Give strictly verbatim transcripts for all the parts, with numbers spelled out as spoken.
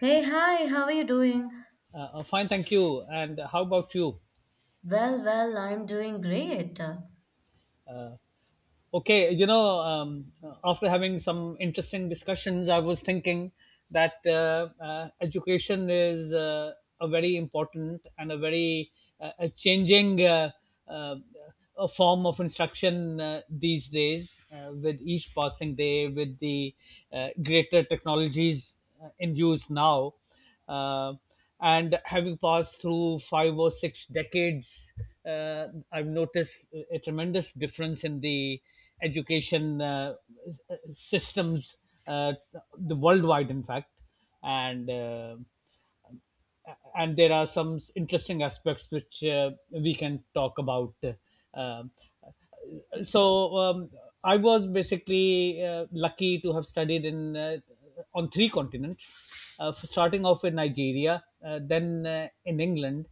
Hey, hi, how are you doing? Uh, uh, fine, thank you. And how about you? Well, well, I'm doing great. Uh, Okay, you know, um, after having some interesting discussions, I was thinking that uh, uh, education is uh, a very important and a very uh, a changing uh, uh, a form of instruction uh, these days uh, with each passing day, with the uh, greater technologies uh, in use now. Uh, and having passed through five or six decades, uh, I've noticed a tremendous difference in the education uh, systems, uh, the worldwide, in fact, and uh, and there are some interesting aspects which uh, we can talk about. Uh, so um, I was basically uh, lucky to have studied in uh, on three continents, uh, f- starting off in Nigeria, uh, then uh, in England,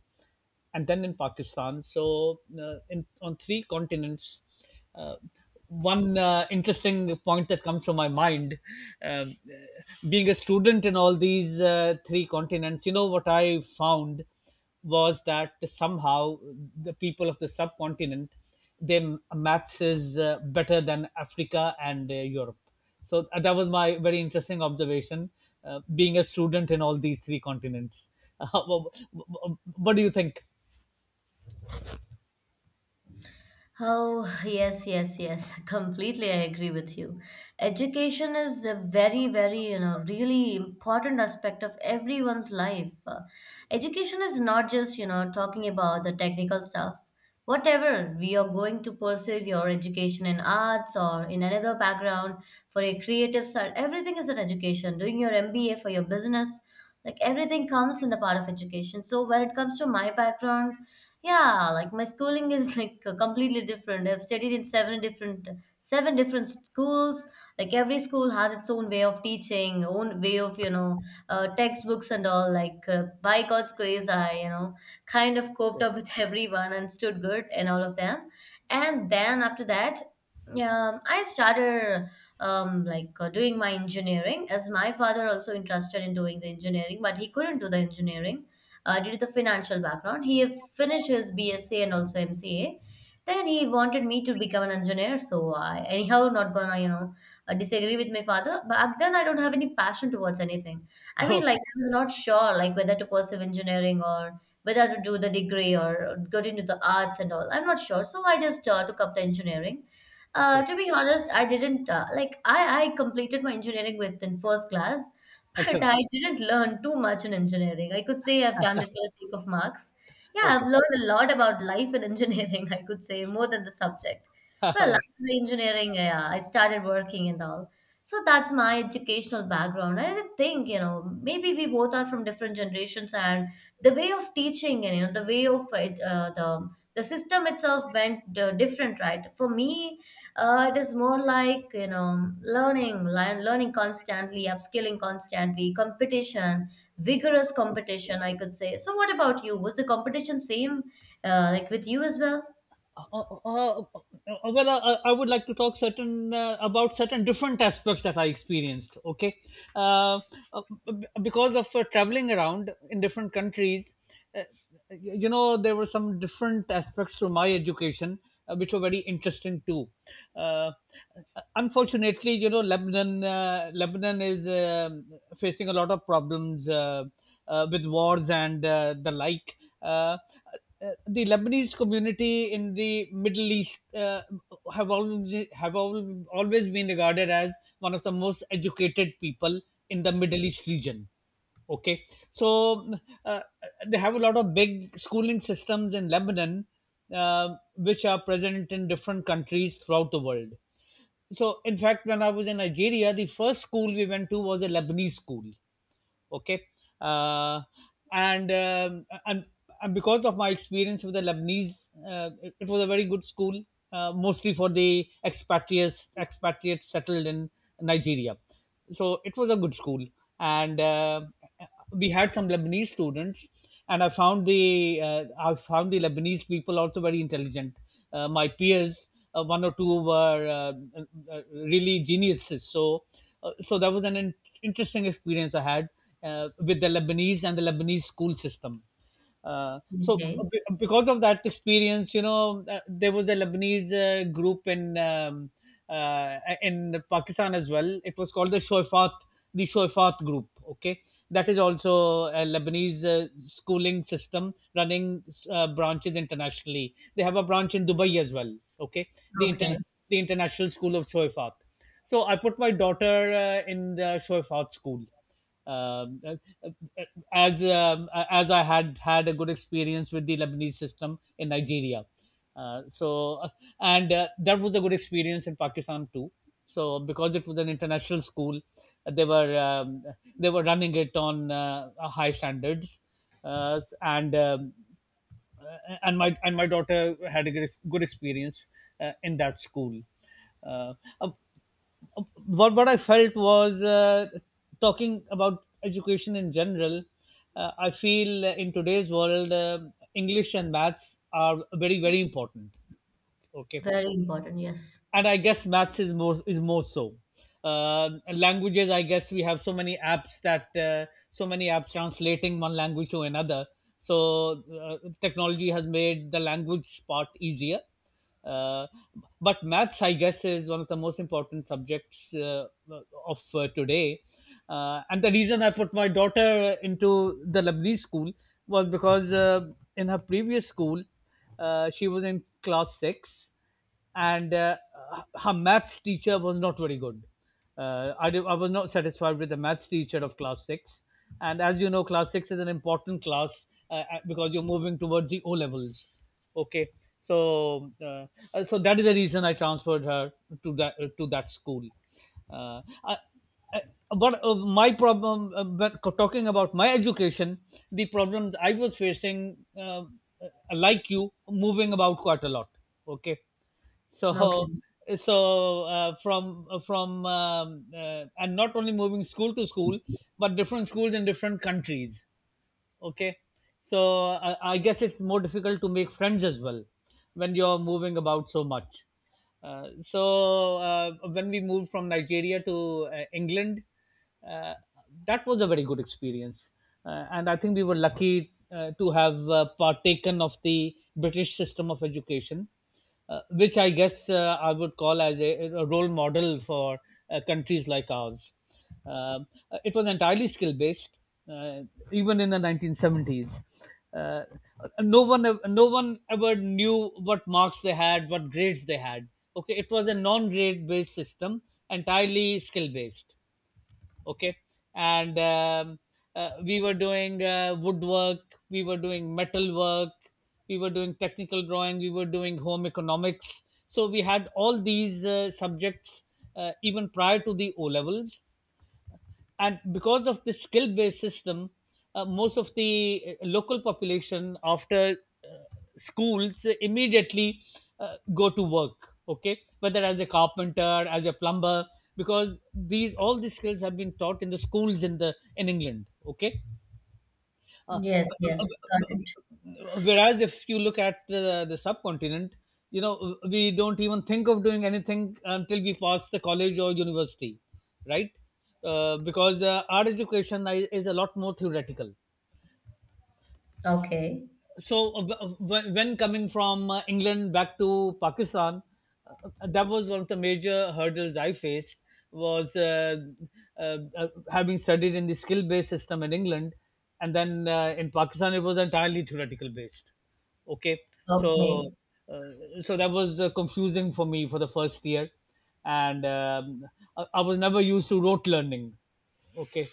and then in Pakistan. So uh, in on three continents. Uh, one uh, interesting point that comes to my mind, um, uh, being a student in all these uh, three continents, you know what I found was that somehow the people of the subcontinent, their maths is uh, better than Africa and uh, Europe. So uh, that was my very interesting observation. Uh, being a student in all these three continents, what, what do you think? Oh, yes, yes, yes. Completely, I agree with you. Education is a very, very, you know, really important aspect of everyone's life. Uh, education is not just, you know, talking about the technical stuff. Whatever we are going to pursue your education in arts or in another background for a creative side, everything is an education. Doing your M B A for your business, like everything comes in the part of education. So when it comes to my background, yeah, like my schooling is like uh, completely different. I've studied in seven different seven different schools. Like every school had its own way of teaching, own way of, you know, uh, textbooks and all. Like uh, by God's grace, I, you know, kind of coped Okay. up with everyone and stood good in all of them. And then after that, yeah, I started um, like uh, doing my engineering as my father also interested in doing the engineering, but he couldn't do the engineering uh, due to the financial background. He finished his B S c and also M C A. Then he wanted me to become an engineer, so I anyhow not gonna you know uh, disagree with my father. Back then, I don't have any passion towards anything. I mean, like Okay. I was not sure like whether to pursue engineering or whether to do the degree or get into the arts and all. I'm not sure, so I just uh, took up the engineering. Okay. Uh, to be honest, I didn't uh, like I, I completed my engineering within first class. But Excellent. I didn't learn too much in engineering. I could say I've done it for the sake of marks. Yeah, I've Okay. learned a lot about life in engineering, I could say, more than the subject. Well, after the engineering, yeah, I started working and all. So that's my educational background. I didn't think, you know, maybe we both are from different generations and the way of teaching and, you know, the way of it, uh, the, the system itself went uh, different, right? For me, uh, it is more like you know learning, lear- learning constantly, upskilling constantly, competition, vigorous competition, I could say. So, what about you? Was the competition same, uh, like with you as well? Uh, uh, uh, uh, well, uh, I would like to talk certain uh, about certain different aspects that I experienced. Okay, uh, uh, b- because of uh, traveling around in different countries, uh, you you know there were some different aspects to my education uh, which were very interesting too. Uh, unfortunately, you know Lebanon, uh, Lebanon is um facing a lot of problems. Uh, uh, with wars and uh, the like. Uh, uh, the Lebanese community in the Middle East uh, have always have al- always been regarded as one of the most educated people in the Middle East region. Okay, so uh, they have a lot of big schooling systems in Lebanon, uh, which are present in different countries throughout the world. So, in fact, when I was in Nigeria, the first school we went to was a Lebanese school, okay, uh, and um, and and because of my experience with the Lebanese, uh, it, it was a very good school, uh, mostly for the expatriates expatriates settled in Nigeria. So it was a good school, and uh, we had some Lebanese students, and I found the uh, I found the Lebanese people also very intelligent. Uh, my peers, uh, one or two were uh, uh, really geniuses. So, uh, so that was an in- interesting experience I had uh, with the Lebanese and the Lebanese school system. Uh, so Okay, uh, be- Because of that experience, you know, uh, there was a Lebanese uh, group in um, uh, in Pakistan as well. It was called the Shoifat, the Shoifat group. Okay, that is also a Lebanese uh, schooling system running uh, branches internationally. They have a branch in Dubai as well. Okay, the okay, inter- the International School of Shoifat. So I put my daughter uh, in the Shoifat school um, uh, uh, as um, uh, as I had had a good experience with the Lebanese system in Nigeria. Uh, so uh, and uh, That was a good experience in Pakistan too. So because it was an international school, uh, they were um, they were running it on uh, high standards, uh, and um, uh, and my and my daughter had a good, ex- good experience uh, in that school. Uh, what what I felt was uh, talking about education in general. Uh, I feel uh, in today's world, um English and maths are very, very important. Okay, very important. Yes. and I guess maths is more is more so. Uh, languages, I guess we have so many apps that uh, so many apps translating one language to another. So uh, technology has made the language part easier. Uh, but maths, I guess, is one of the most important subjects uh, of uh, today. Uh, and the reason I put my daughter into the Lebanese school was because uh, in her previous school, uh, she was in class six and uh, her maths teacher was not very good. Uh, I, did- I was not satisfied with the maths teacher of class six. And as you know, class six is an important class uh, uh, because you're moving towards the O levels. Okay, so uh, uh, so that is the reason I transferred her to that uh, to that school. Uh, I, I- but uh, My problem, uh, but talking about my education, the problems I was facing, uh, uh, like you, moving about quite a lot. Okay. So, Okay. so uh, from from um, uh, and not only moving school to school, but different schools in different countries. Okay, so I, I guess it's more difficult to make friends as well when you're moving about so much. Uh, so uh, when we moved from Nigeria to uh, England, uh, that was a very good experience, uh, and I think we were lucky uh, to have uh, partaken of the British system of education, uh, which I guess uh, I would call as a, a role model for uh, countries like ours. Um, uh, it was entirely skill based, uh, even in the nineteen seventies. Uh, no one, ev- no one ever knew what marks they had, what grades they had. Okay, it was a non-grade based system, entirely skill based, okay, and um, uh, we were doing uh, woodwork, we were doing metal work, we were doing technical drawing, we were doing home economics. So we had all these uh, subjects uh, even prior to the O levels. And because of the skill based system, uh, most of the uh, local population after uh, schools immediately uh, go to work, okay, whether as a carpenter, as a plumber, because these all these skills have been taught in the schools in the in England. Okay, uh, Yes. Yes. Got it. whereas if you look at the, the subcontinent, you know, we don't even think of doing anything until we pass the college or university, right? Uh, because uh, Our education i- is a lot more theoretical. Okay. So uh, w- w- when coming from uh, England back to Pakistan, uh, that was one of the major hurdles I faced was uh, uh, uh, having studied in the skill based system in England, and then uh, in Pakistan it was entirely theoretical based, okay. so Okay. uh, so that was uh, confusing for me for the first year, and um, I, I was never used to rote learning, okay,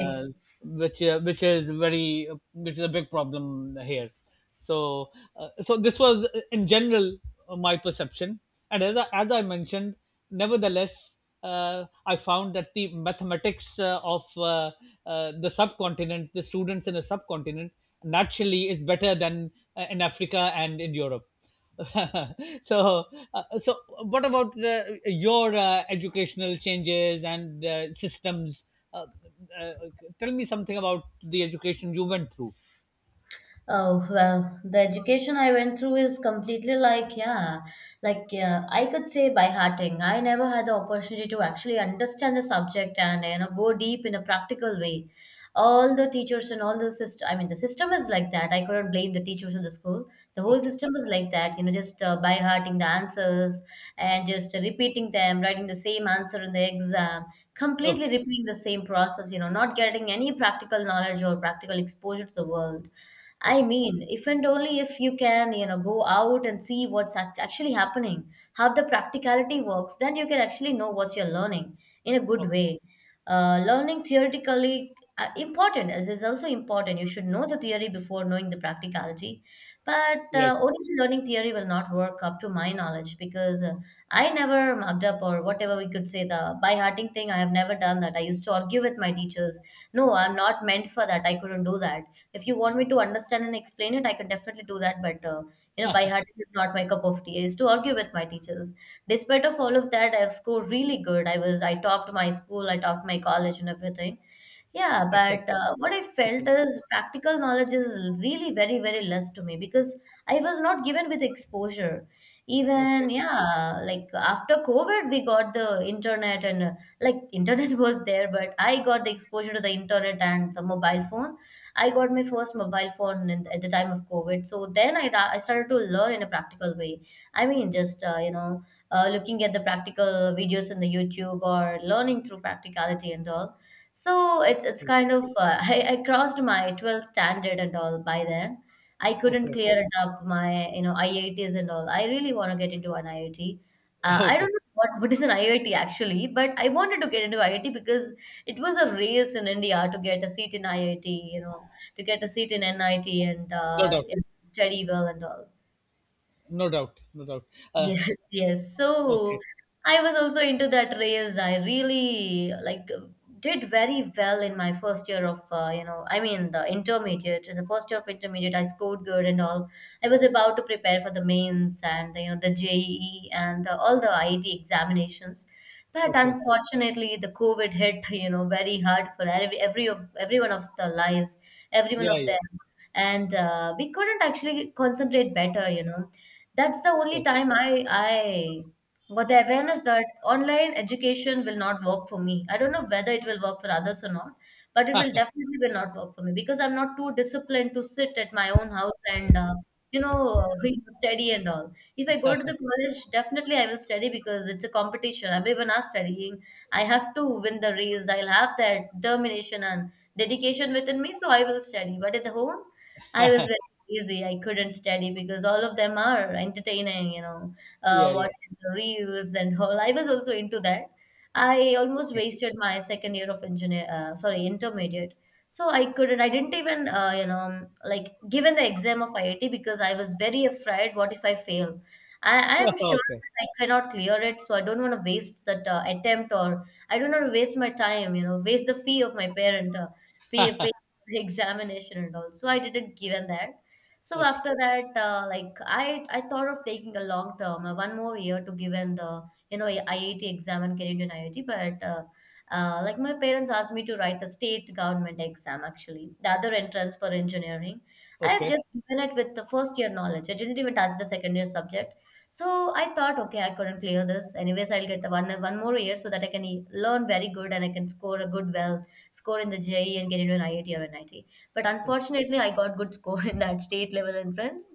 uh, which uh, which is very uh, which is a big problem here. so uh, so this was uh, in general uh, my perception, and as I, as I mentioned, nevertheless, uh, I found that the mathematics uh, of uh, uh, the subcontinent, the students in the subcontinent naturally is better than uh, in Africa and in Europe. so, uh, so what about uh, your uh, educational changes and uh, systems? Uh, uh, tell me something about the education you went through. Oh, well, the education I went through is completely like, yeah, like yeah, I could say by hearting. I never had the opportunity to actually understand the subject and, you know, go deep in a practical way. All the teachers and all the system, I mean, the system is like that. I couldn't blame the teachers of the school. The whole Okay, system is like that, you know, just uh, by hearting the answers and just uh, repeating them, writing the same answer in the exam, completely okay, repeating the same process, you know, not getting any practical knowledge or practical exposure to the world. I okay, mean, if and only if you can, you know, go out and see what's act- actually happening, how the practicality works, then you can actually know what you're learning in a good okay. way. Uh, learning theoretically uh, important is, is also important. You should know the theory before knowing the practicality. But Right, uh, only learning theory will not work up to my knowledge because uh, I never mugged up or whatever we could say the by hearting thing. I have never done that. I used to argue with my teachers. No, I'm not meant for that. I couldn't do that. If you want me to understand and explain it, I can definitely do that. But uh, you know, by hearting is not my cup of tea. I used to argue with my teachers. Despite of all of that, I have scored really good. I was I topped my school. I topped my college and everything. Yeah, excellent, but uh, what I felt excellent. is practical knowledge is really very, very less to me because I was not given with exposure. Even, Okay, yeah, like after COVID, we got the internet and uh, like internet was there, but I got the exposure to the internet and the mobile phone. I got my first mobile phone in, at the time of COVID. So then I, ra- I started to learn in a practical way. I mean, just, uh, you know, uh, looking at the practical videos on the YouTube or learning through practicality and all. So it's it's kind of uh, I, I crossed my twelfth standard and all by then. I couldn't okay, clear it up my you know I I Ts and all. I really want to get into an I I T. Uh, I don't okay. know what what is an I I T actually, but I wanted to get into I I T because it was a race in India to get a seat in I I T. You know, to get a seat in N I T and No uh, doubt, you know, study well and all. no doubt, no doubt. Uh, Yes, yes. So okay, I was also into that race. I really like did very well in my first year of uh, you know, I mean the intermediate. In the first year of intermediate, I scored good and all. I was about to prepare for the mains and you know the J E E and uh, all the I I T examinations. But okay. unfortunately, the COVID hit, you know, very hard for every every of every one of the lives, every one Yeah, of yeah. them. And uh, we couldn't actually concentrate better. You know that's the only Okay. time I I got the awareness that online education will not work for me. I don't know whether it will work for others or not, but it will definitely will not work for me because I'm not too disciplined to sit at my own house and uh, you know study and all. If I go to the college, definitely I will study because it's a competition. Everyone are studying. I have to win the race. I'll have that determination and dedication within me, so I will study. But at the home, I was very easy. I couldn't study because all of them are entertaining, you know, uh, Yeah, yeah. watching the reels and whole. I was also into that. I almost Okay. wasted my second year of engineer, uh, sorry, intermediate. So I couldn't, I didn't even, uh, you know, like given the exam of I I T because I was very afraid. What if I fail? I, I am sure Okay, that I cannot clear it. So I don't want to waste that uh, attempt or I don't want to waste my time, you know, waste the fee of my parent, uh, pay, pay the examination and all. So I didn't given that. So okay, after that, uh, like I, I thought of taking a long term, uh, one more year to give in the you know I I T exam and get into an I I T. But uh, uh, like my parents asked me to write a state government exam actually, the other entrance for engineering. I have okay. just given it with the first year knowledge. I didn't even touch the second year subject. So I thought, okay, I couldn't clear this. Anyways, I'll get the one one more year so that I can e- learn very good and I can score a good well score in the J E and get into an I I T or an I T. But unfortunately, I got good score in that state level entrance.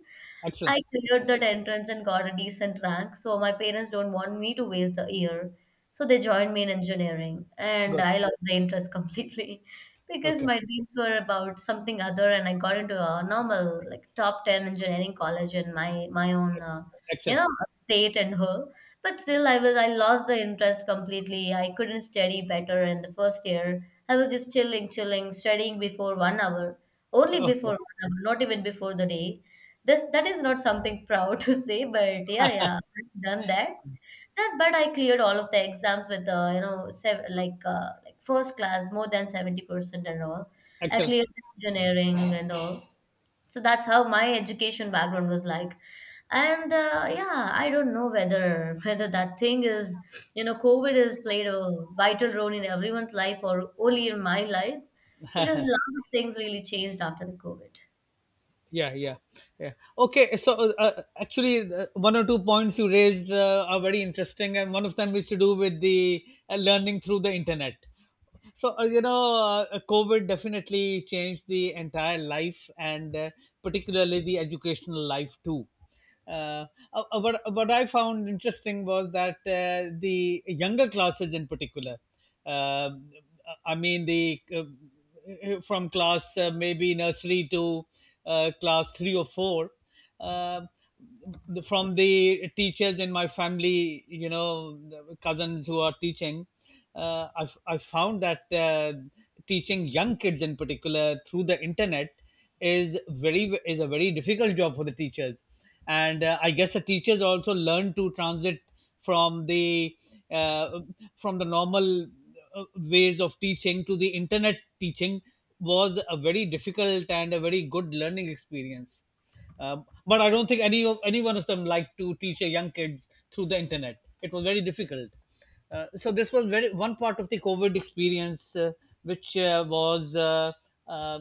Excellent. I cleared that entrance and got a decent rank, so my parents don't want me to waste the year. So they joined me in engineering, and Good. I lost the interest completely because Okay. my dreams were about something other, and I got into a normal, like top ten engineering college in my my own, uh, you Excellent. know, state and her. But still, I was I lost the interest completely. I couldn't study better in the first year. I was just chilling, chilling, studying before one hour, only Okay. before one hour, not even before the day this that is not something proud to say, but yeah, yeah, I've done that. That, but I cleared all of the exams with uh, you know sev like uh, like first class more than seventy percent and all. I Actually, cleared engineering and all. So that's how my education background was like. And uh, yeah, I don't know whether whether that thing is, you know, COVID has played a vital role in everyone's life or only in my life because a lot of things really changed after the COVID. yeah, yeah, yeah. Okay, so uh, uh, actually, the one or two points you raised uh, are very interesting, and one of them is to do with the uh, learning through the internet. So, uh, you know, uh, COVID definitely changed the entire life and uh, particularly the educational life too. Uh, uh, uh, what, what I found interesting was that uh, the younger classes, in particular, uh, I mean, the uh, uh, from class uh, maybe nursery to uh, class three or four, uh, the- from the teachers in my family, you know, the cousins who are teaching, uh, I, I found that uh, teaching young kids in particular through the internet is very, is a very difficult job for the teachers. And uh, I guess the teachers also learn to transit from the uh, from the normal uh, ways of teaching to the internet teaching was a very difficult and a very good learning experience. Um, but I don't think any of any one of them liked to teach a young kids through the internet. It was very difficult. Uh, so this was very one part of the COVID experience, uh, which uh, was, uh, uh,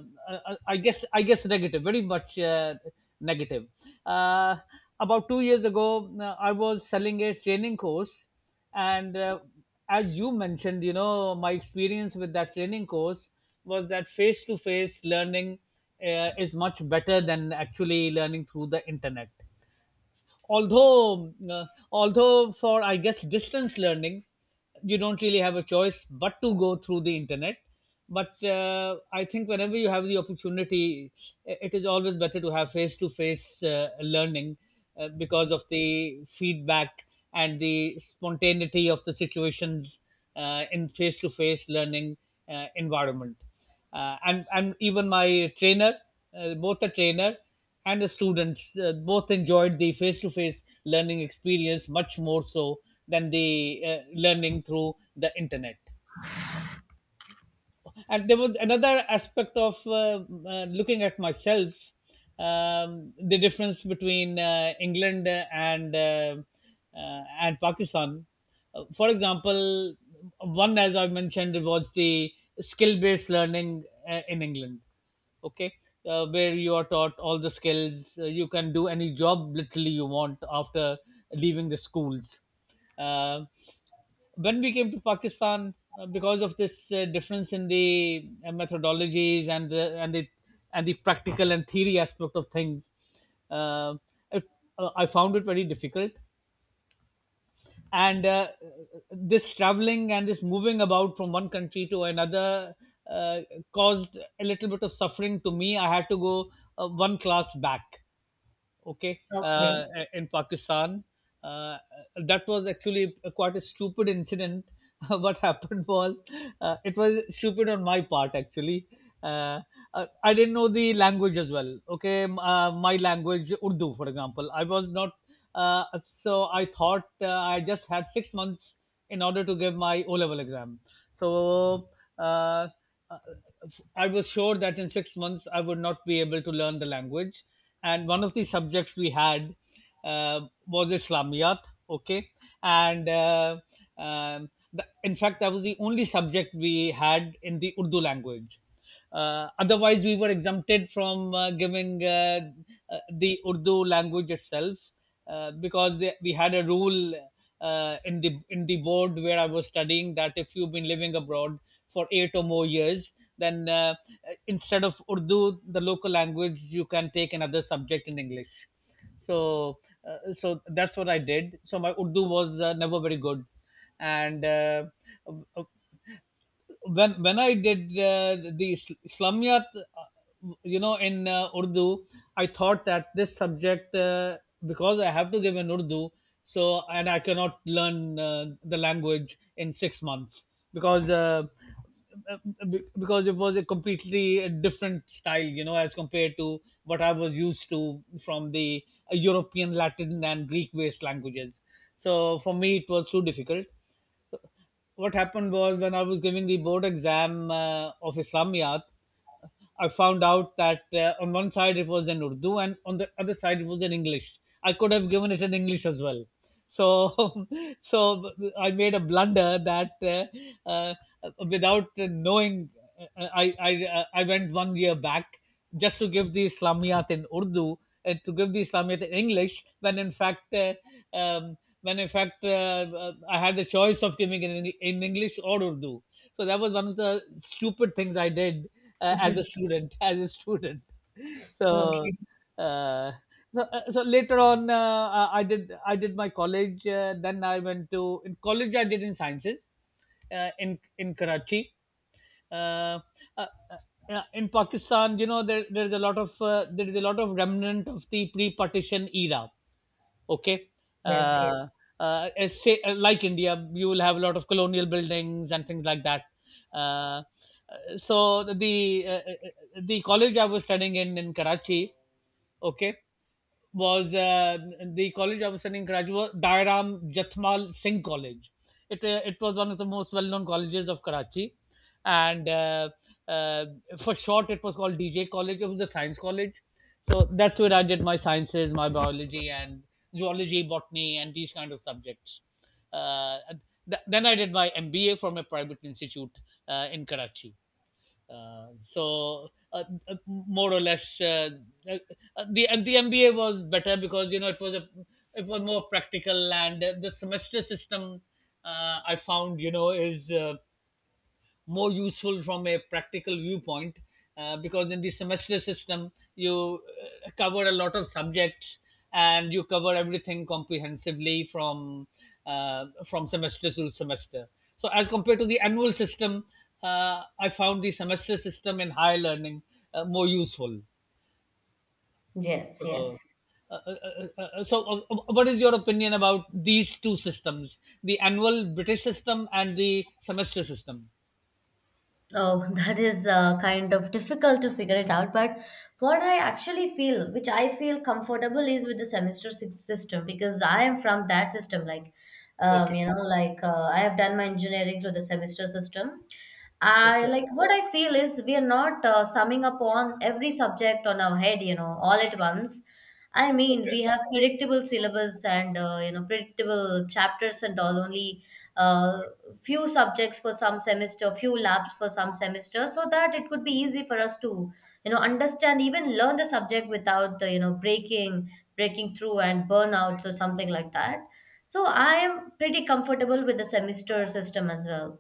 I I guess, I guess negative, very much uh, negative. Uh, about two years ago, uh, I was selling a training course, and uh, as you mentioned, you know, my experience with that training course was that face to face learning uh, is much better than actually learning through the internet, although uh, although for I guess distance learning you don't really have a choice but to go through the internet. But uh, I think whenever you have the opportunity, i- it is always better to have face to face learning, uh, because of the feedback and the spontaneity of the situations uh, in face to face learning uh, environment. Uh, and and even my trainer, uh, both a trainer and the students uh, both enjoyed the face-to-face learning experience much more so than the uh, learning through the internet. And there was another aspect of uh, uh, looking at myself, um, the difference between uh, England and uh, uh, and Pakistan. Uh, for example, one, as I mentioned, was the skill based learning uh, in England. Okay. Uh, where you are taught all the skills, uh, you can do any job literally you want after leaving the schools. uh, when we came to Pakistan, uh, because of this uh, difference in the uh, methodologies and the and the and the practical and theory aspect of things, uh, it, uh, I found it very difficult. And uh, this traveling and this moving about from one country to another uh, caused a little bit of suffering to me. I had to go uh, one class back. Okay uh, Okay. In Pakistan, uh, that was actually quite a stupid incident. What happened was, uh, it was stupid on my part actually. uh, uh, I didn't know the language as well. Okay, m- uh, my language Urdu for example, I was not. Uh, so I thought uh, I just had six months in order to give my O level exam. So uh, uh, I was sure that in six months I would not be able to learn the language. And one of the subjects we had uh, was Islamiyat. Okay. And uh, um, the, in fact that was the only subject we had in the Urdu language. Uh, otherwise, we were exempted from uh, giving uh, uh, the Urdu language itself, uh, because they, we had a rule uh, in the in the board where I was studying, that if you've been living abroad for eight or more years, then, uh, instead of Urdu, the local language, you can take another subject in English. So, uh, so that's what I did. So my Urdu was uh, never very good, and uh, when when I did uh, the sl- Islamiyat, uh, you know, in uh, Urdu, I thought that this subject uh, because I have to give in Urdu, so, and I cannot learn uh, the language in six months because. Uh, uh, be- because it was a completely uh, different style, you know, as compared to what I was used to from the uh, European Latin and Greek based languages. So for me, it was too difficult. What happened was, when I was giving the board exam uh, of Islamiyat, I found out that uh, on one side it was in Urdu and on the other side it was in English. I could have given it in English as well. So, so I made a blunder that uh, uh, without knowing, uh, I, I uh, I went one year back just to give the Islamiyat in Urdu and to give the Islamiyat in English when in fact. Uh, um, when in fact uh, uh, I had the choice of giving it in, in English or Urdu. So that was one of the stupid things I did uh, as a student. As a student, so, Okay. uh, so, uh, so later on, uh, I did I did my college. Uh, then I went to in college. I did in sciences uh, in in Karachi. Uh, uh, uh, uh, in Pakistan, you know, there there is a lot of uh, there is a lot of remnant of the pre-partition era. Okay. Yes, yes, uh, uh, Say, uh, like India, you will have a lot of colonial buildings and things like that. Uh, uh, so the uh, uh, uh, the college I was studying in in Karachi, okay, was uh, the college I was studying graduate was Dairam Jathmal Singh College. It, uh, it was one of the most well known colleges of Karachi. And uh, uh, for short, it was called D J College. It was a science college. So that's where I did my sciences, my biology, and zoology, botany, and these kind of subjects. Uh, th- then I did my M B A from a private institute uh, in Karachi. Uh, so uh, uh, more or less, uh, uh, the uh, the M B A was better because you know it was a, it was more practical and uh, the semester system uh, I found, you know, is uh, more useful from a practical viewpoint, uh, because in the semester system you uh, cover a lot of subjects and you cover everything comprehensively from uh, from semester to semester. So as compared to the annual system, uh, I found the semester system in higher learning uh, more useful. yes, So, yes. uh, uh, uh, uh, uh, so uh, uh, what is your opinion about these two systems, the annual British system and the semester system? Oh, that is uh, kind of difficult to figure it out. But what I actually feel, which I feel comfortable, is with the semester six system because I am from that system. Like, um, Okay. you know, like uh, I have done my engineering through the semester system. I like what I feel is we are not uh, summing up on every subject on our head, you know, all at once. I mean, we have predictable syllabus and uh, you know predictable chapters and all only. Uh, Few subjects for some semester, few labs for some semester, so that it could be easy for us to you know understand, even learn the subject without the you know breaking breaking through and burnouts or something like that. So I am pretty comfortable with the semester system as well.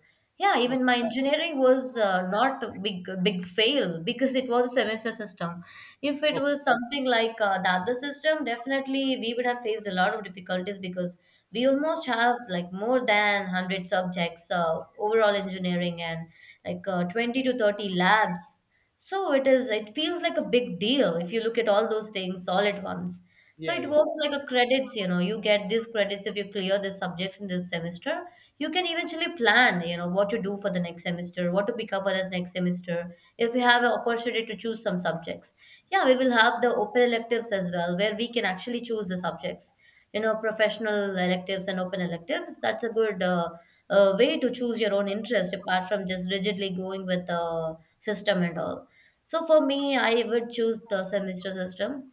Yeah, even Okay. my engineering was uh, not a big big fail because it was a semester system. If it Okay. was something like uh, the other system, definitely we would have faced a lot of difficulties, because we almost have like more than one hundred subjects uh, overall engineering, and like uh, twenty to thirty labs. So it is, it feels like a big deal if you look at all those things all at once. So Yeah, it yeah. works like a credits, you know, you get these credits if you clear the subjects in this semester. You can eventually plan, you know, what to do for the next semester, what to pick up for this next semester, if you have an opportunity to choose some subjects. Yeah, we will have the open electives as well, where we can actually choose the subjects, you know, professional electives and open electives. That's a good uh, uh, way to choose your own interest apart from just rigidly going with the system and all. So for me, I would choose the semester system.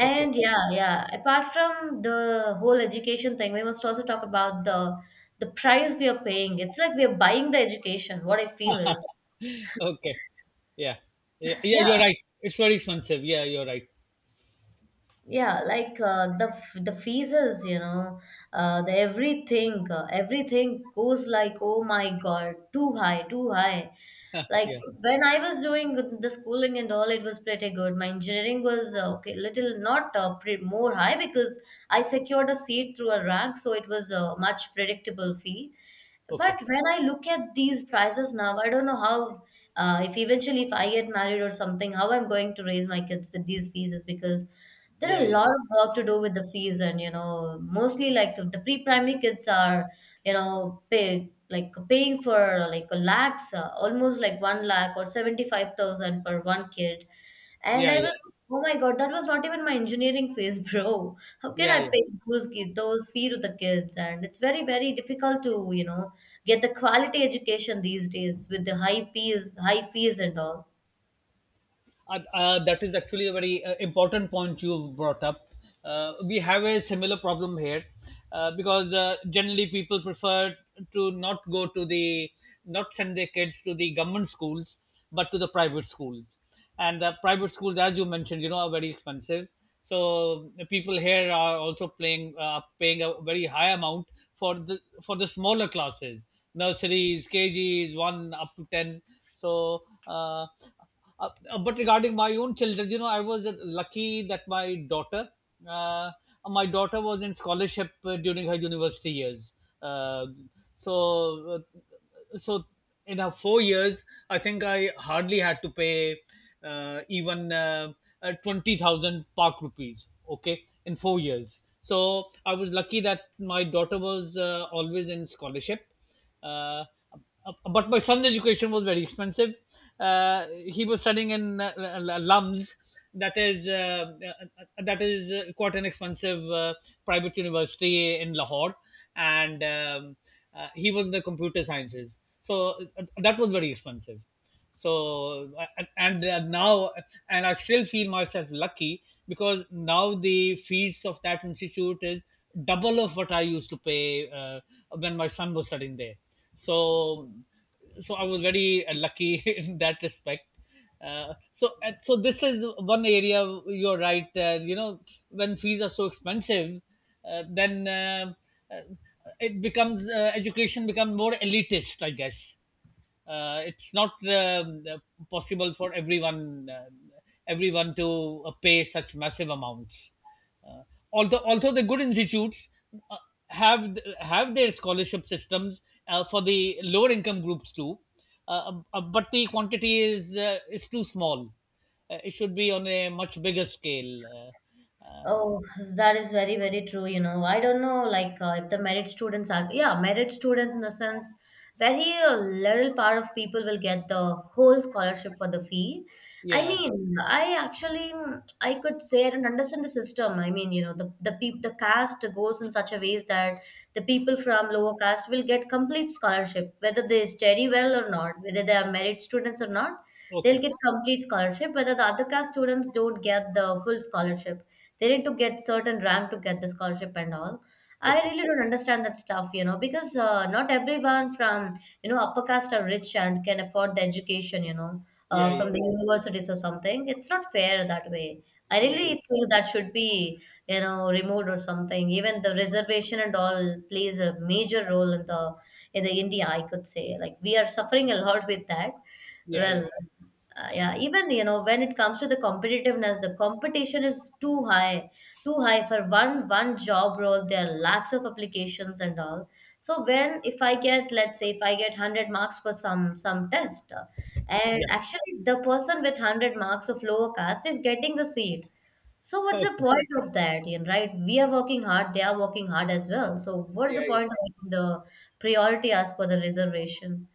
Okay. yeah, yeah, apart from the whole education thing, we must also talk about the the price we are paying. It's like we are buying the education, what I feel is, Okay. Yeah. Yeah, yeah, yeah, you're right. It's very expensive. Yeah, you're right. yeah, like uh, the f- the fees, you know, uh, the everything, uh, everything goes like, oh my god, too high, too high. Like Yeah. when I was doing the schooling and all, it was pretty good. My engineering was uh, okay, little not uh, pre- more high, because I secured a seat through a rank, so it was a much predictable fee. But Okay. when I look at these prices now, I don't know how, uh, if eventually if I get married or something, how I'm going to raise my kids with these fees, is because there are Yeah, a yeah. lot of work to do with the fees, and you know mostly like the pre-primary kids are, you know, pay like paying for like a lakhs uh, almost like one lakh or seventy-five thousand per one kid. And Yeah, I was, yeah. oh my god, that was not even my engineering fees. Bro, how can Yeah, I yeah. pay those ki- those fee to the kids? And it's very very difficult to you know get the quality education these days with the high fees, high fees and all. Uh, uh, that is actually a very uh, important point you brought up. Uh, we have a similar problem here uh, because uh, generally people prefer to not go to the, not send their kids to the government schools, but to the private schools. And the private schools, as you mentioned, you know, are very expensive. So the people here are also playing, uh, paying a very high amount for the for the smaller classes, nurseries, K Gs, one up to ten. So. Uh, uh, uh, but regarding my own children, you know, I was uh, lucky that my daughter, uh, my daughter was in scholarship uh, during her university years. Uh, so, uh, so in her four years, I think I hardly had to pay uh, even uh, uh, twenty thousand park rupees. Okay, in four years. So I was lucky that my daughter was uh, always in scholarship. Uh, uh, but my son's education was very expensive. Uh, he was studying in uh, uh, LUMS, that is uh, uh, that is uh, quite an expensive uh, private university in Lahore, and um, uh, he was in the computer sciences, so uh, that was very expensive. So and, and they are now, and I still feel myself lucky, because now the fees of that institute is double of what I used to pay uh, when my son was studying there. So, so I was very uh, lucky in that respect. Uh, so and so this is one area, you're right, uh, you know, when fees are so expensive, uh, then uh, uh, it becomes uh, education becomes more elitist, I guess. Uh, it's not um, uh, possible for everyone uh, everyone to uh, pay such massive amounts. Uh, although although the good institutes uh, have have their scholarship systems uh, for the lower income groups too, uh, uh, but the quantity is uh, is too small. Uh, it should be on a much bigger scale. Uh, uh, Oh, that is very, very true. You know, I don't know, like uh, if the merit students are, yeah, merit students in the sense, very uh, little part of people will get the whole scholarship for the fee. I yeah. mean, I actually, mm, I could say I don't understand the system. I mean, you know, the the peop the caste goes in such a ways that the people from lower caste will get complete scholarship, whether they study well or not, whether they are merit students or not, they'll Okay. get complete scholarship. Whether the other caste students don't get the full scholarship, they need to get certain rank to get the scholarship and all. I Okay. really don't understand that stuff, you know, because uh, not everyone from, you know, upper caste are rich and can afford the education, you know, Yeah. uh, Yeah. from the universities or something. It's not fair that way. I really Yeah. think that should be, you know, removed or something. Even the reservation and all plays a major role in the in the India, I could say. Like we are suffering a lot with that. Yeah. Yeah. Yeah. Well, uh, yeah, even you know when it comes to the competitiveness, the competition is too high, too high for one one job role, there are lakhs of applications and all. So when, if I get, let's say if I get one hundred marks for some some test, uh, and Yeah. actually the person with one hundred marks of lower caste is getting the seat, so what's the Okay. point of that, you know? Right, we are working hard, they are working hard as well, so what is Yeah, the point yeah, of the priority as per the reservation?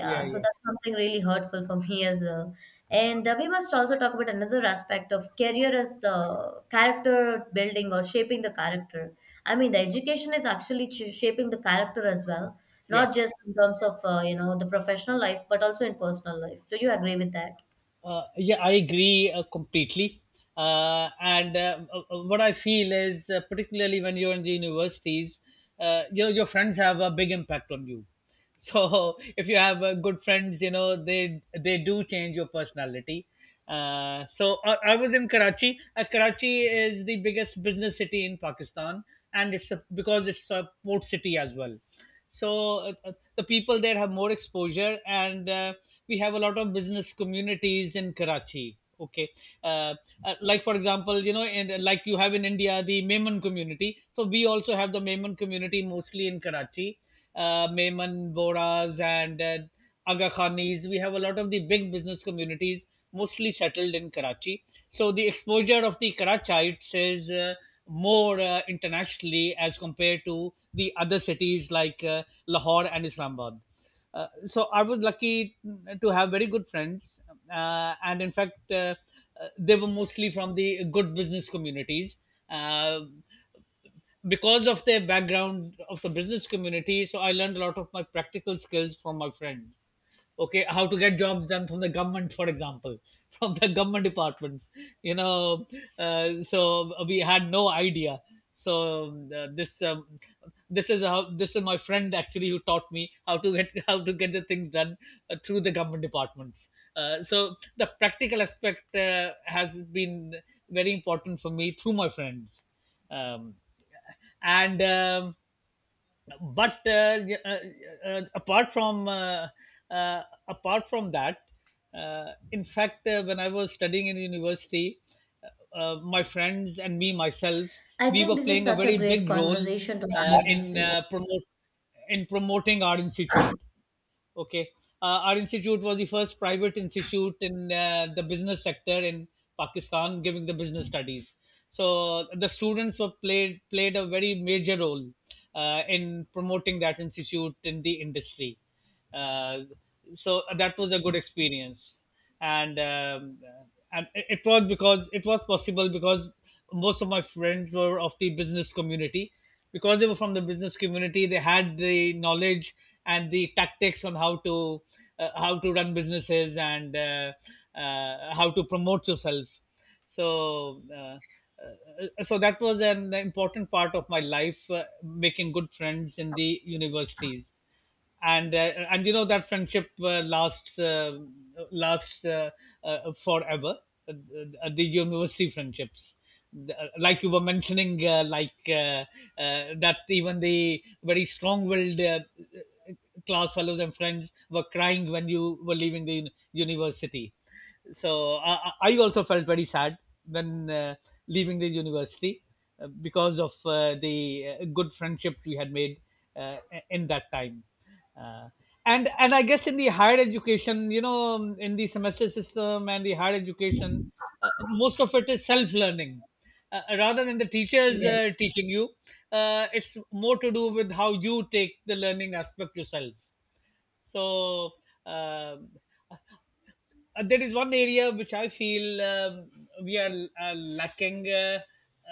yeah, so yeah, that's something really hurtful for me as well. And uh, we must also talk about another aspect of career as the character building or shaping the character. I mean, the education is actually ch shaping the character as well, yeah. not just in terms of uh, you know the professional life, but also in personal life. Do you agree with that? Uh, yeah, I agree uh, completely. Uh, and uh, uh, what I feel is, uh, particularly when you're in the universities, uh, you know, your friends have a big impact on you. So if you have uh, good friends, you know, they they do change your personality. Uh, so I, I was in Karachi. Uh, Karachi is the biggest business city in Pakistan, and it's a, because it's a port city as well. So uh, uh, the people there have more exposure, and uh, we have a lot of business communities in Karachi. Okay, uh, uh, like for example, you know, and like you have in India the Maiman community. So we also have the Maiman community mostly in Karachi. Uh, Maiman, Boras, and uh, Aga Khanis. We have a lot of the big business communities mostly settled in Karachi. So the exposure of the Karachites is uh, more uh, internationally as compared to the other cities like uh, Lahore and Islamabad. Uh, so I was lucky to have very good friends, uh, and in fact, uh, uh, they were mostly from the good business communities. Uh, because of their background of the business community, so I learned a lot of my practical skills from my friends. Okay, how to get jobs done from the government, for example, from the government departments, you know uh, so we had no idea. So um, uh, this um, this is how, this is my friend actually who taught me how to get how to get the things done uh, through the government departments. Uh, so the practical aspect uh, has been very important for me through my friends. Um, and um, but uh, y- uh, uh, apart from uh, uh, Apart from that, uh, in fact uh, when I was studying in university, uh, uh, my friends and me myself, I we think were this is playing a such a very great big role conversation to uh, have with in you. uh, promote in promoting our institute. Okay. Uh, our institute was the first private institute in uh, the business sector in Pakistan giving the business studies. So the students were played played a very major role uh, in promoting that institute in the industry. Uh, so that was a good experience, and um, and it it was, because it was possible because most of my friends were of the business community. Because they were from the business community, they had the knowledge and the tactics on how to uh, how to run businesses, and uh, uh, how to promote yourself. So uh, uh, so that was an important part of my life, uh, making good friends in the universities. And uh, and you know, that friendship uh, lasts uh, lasts uh, uh, forever. Uh, uh, the university friendships, The- uh, like you were mentioning, uh, like uh, uh, that even the very strong-willed uh, class fellows and friends were crying when you were leaving the uni- university. So I, I also felt very sad when uh, leaving the university, uh, because of uh, the uh, good friendships we had made uh, in that time. Uh, and and I guess in the higher education, you know, in the semester system and the higher education, uh, most of it is self learning, uh, uh, rather than the teachers uh, Yes. teaching you. Uh, it's more to do with how you take the learning aspect yourself. so um, uh, there is one area which I feel um, we are uh, lacking. Uh,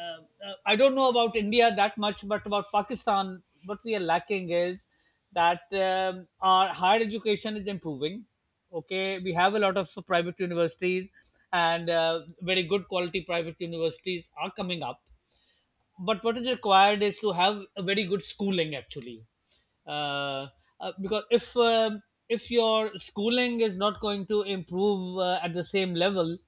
uh, uh, I don't know about India that much, but about Pakistan, what we are lacking is that um, our higher education is improving. Okay, we have a lot of private universities, and uh, very good quality private universities are coming up, but what is required is to have a very good schooling actually. uh, uh, because if um if your schooling is not going to improve uh, at the same level,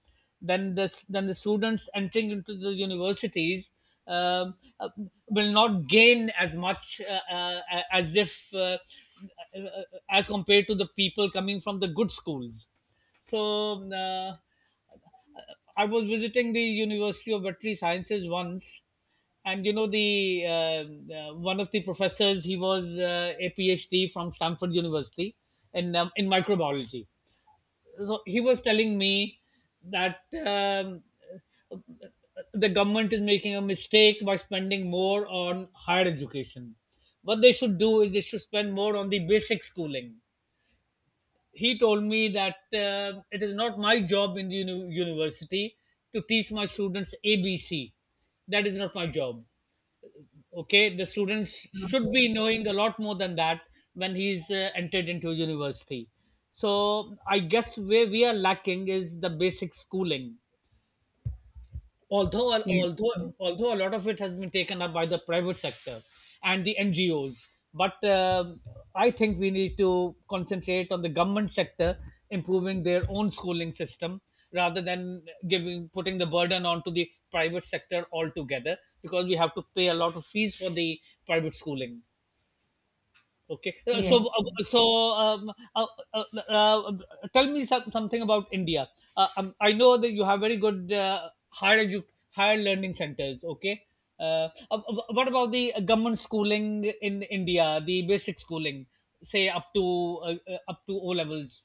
then the then the students entering into the universities um, uh, will not gain as much, uh, uh, as if uh, uh, uh, as compared to the people coming from the good schools. so um, uh, I was visiting the University of Veterinary Sciences once, and you know, the uh, uh, one of the professors, he was uh, a PhD from Stanford University in um, in microbiology. So he was telling me that um, the government is making a mistake by spending more on higher education. What they should do is they should spend more on the basic schooling. He told me that uh, it is not my job in the uni- university to teach my students A B C. That is not my job. Okay, the students should be knowing a lot more than that when he's uh, entered into university. So I guess where we are lacking is the basic schooling. although Yes. although Yes. although a lot of it has been taken up by the private sector and the N G Os, but um I think we need to concentrate on the government sector improving their own schooling system, rather than giving putting the burden onto the private sector altogether, because we have to pay a lot of fees for the private schooling. Okay. Uh, So, Yes. uh, Yes. so um, uh, uh, uh, uh, tell me some, something about India. Uh, um, I know that you have very good uh, higher edu- higher learning centers. Okay. Uh, uh, uh, what about the government schooling in India? The basic schooling, say up to uh, uh, up to O levels.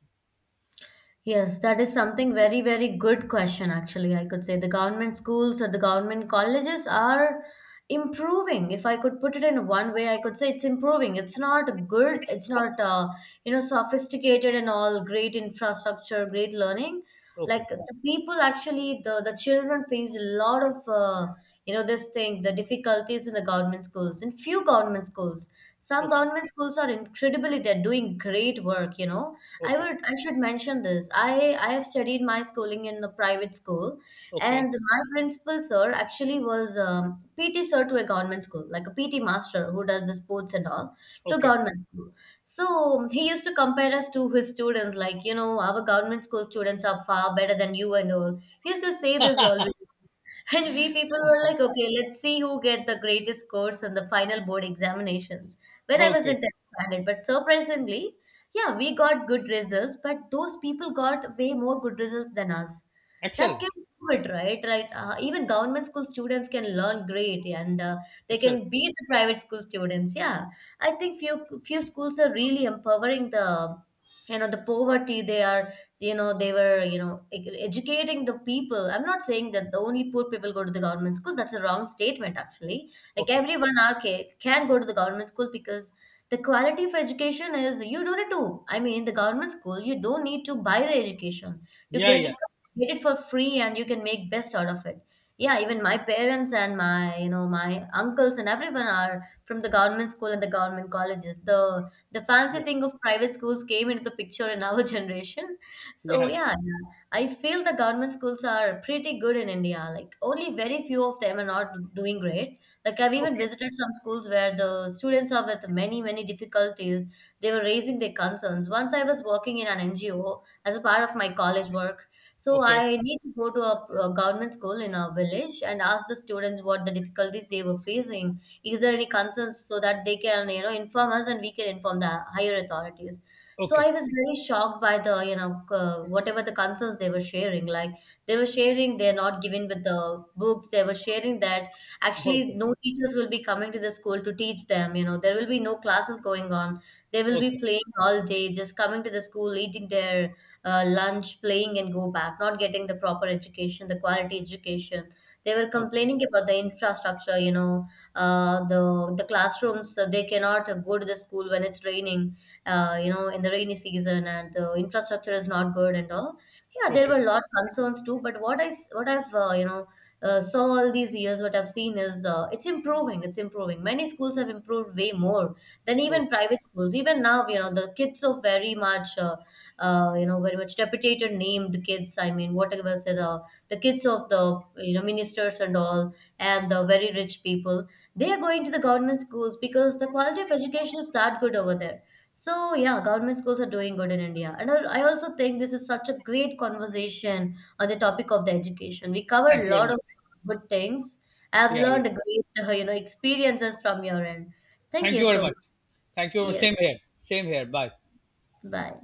Yes, that is something very, very good question, actually. I could say the government schools or the government colleges are improving. If I could put it in one way, I could say it's improving. It's not good, Okay. it's not, uh, you know, sophisticated and all, great infrastructure, great learning. Okay. Like the people actually, the the children faced a lot of uh, you know this thing, the difficulties in the government schools, in few government schools. Some Okay. government schools are incredibly, they're doing great work, you know, i Okay. would i should mention this. I i have studied my schooling in a private school, Okay. and my principal sir actually was um, PT sir to a government school, like a PT master who does the sports and all, to Okay. government school. So he used to compare us to his students, like, you know, our government school students are far better than you and all. He used to say this always. And we people were like, okay, let's see who get the greatest scores on the final board examinations when I was in Okay. tenth standard. But surprisingly, yeah, we got good results, but those people got way more good results than us. That Excellent. can do it, right? Like uh, even government school students can learn great, and uh, they Excellent. can beat the private school students. Yeah, I think few few schools are really empowering the, you know, the poverty, they are, you know, they were, you know, e- educating the people. I'm not saying that the only poor people go to the government school, that's a wrong statement actually. Like Okay. everyone are ca- can go to the government school, because the quality of education is, you don't need to, I mean in the government school you don't need to buy the education, you Yeah. get Yeah. it, get it for free and you can make best out of it. Yeah, even my parents and my, you know, my uncles and everyone are from the government school and the government colleges. The the fancy Yeah. thing of private schools came into the picture in our generation. So Yeah. yeah, yeah, I feel the government schools are pretty good in India. Like only very few of them are not doing great. Like I've even Okay. visited some schools where the students are with many many difficulties. They were raising their concerns. Once I was working in an NGO as a part of my college work, so Okay. I need to go to a, a government school in our village and ask the students what the difficulties they were facing. Is there any concerns, so that they can, you know, inform us and we can inform the higher authorities. So Okay. I was very shocked by the, you know, uh, whatever the concerns they were sharing. Like they were sharing, they're not giving with the books. They were sharing that actually Okay. no teachers will be coming to the school to teach them. You know, there will be no classes going on. They will be Okay. playing all day, just coming to the school, eating their uh, lunch, playing and go back, not getting the proper education, the quality education. They were Okay. complaining about the infrastructure, you know, uh, the the classrooms, uh, they cannot uh, go to the school when it's raining, uh, you know, in the rainy season, and the infrastructure is not good and all. Yeah, there were Okay. a lot of concerns too, but what i s- what i've uh, you know uh, saw all these years, what I've seen is uh, it's improving, it's improving. Many schools have improved way more than even Okay. private schools. Even now, you know, the kids are very much uh, uh, you know, very much reputed named kids. I mean, whatever say the the kids of the, you know, ministers and all, and the very rich people, they are going to the government schools because the quality of education is that good over there. So yeah, government schools are doing good in India. And I I also think this is such a great conversation on the topic of the education. We Thank covered a you very lot of much. good things. I've Yeah, learned yeah. a great, uh, you know, experiences from your end. Thank Thank you you very so much. much. Thank you. Yes. Same here. Same here. Bye. Bye.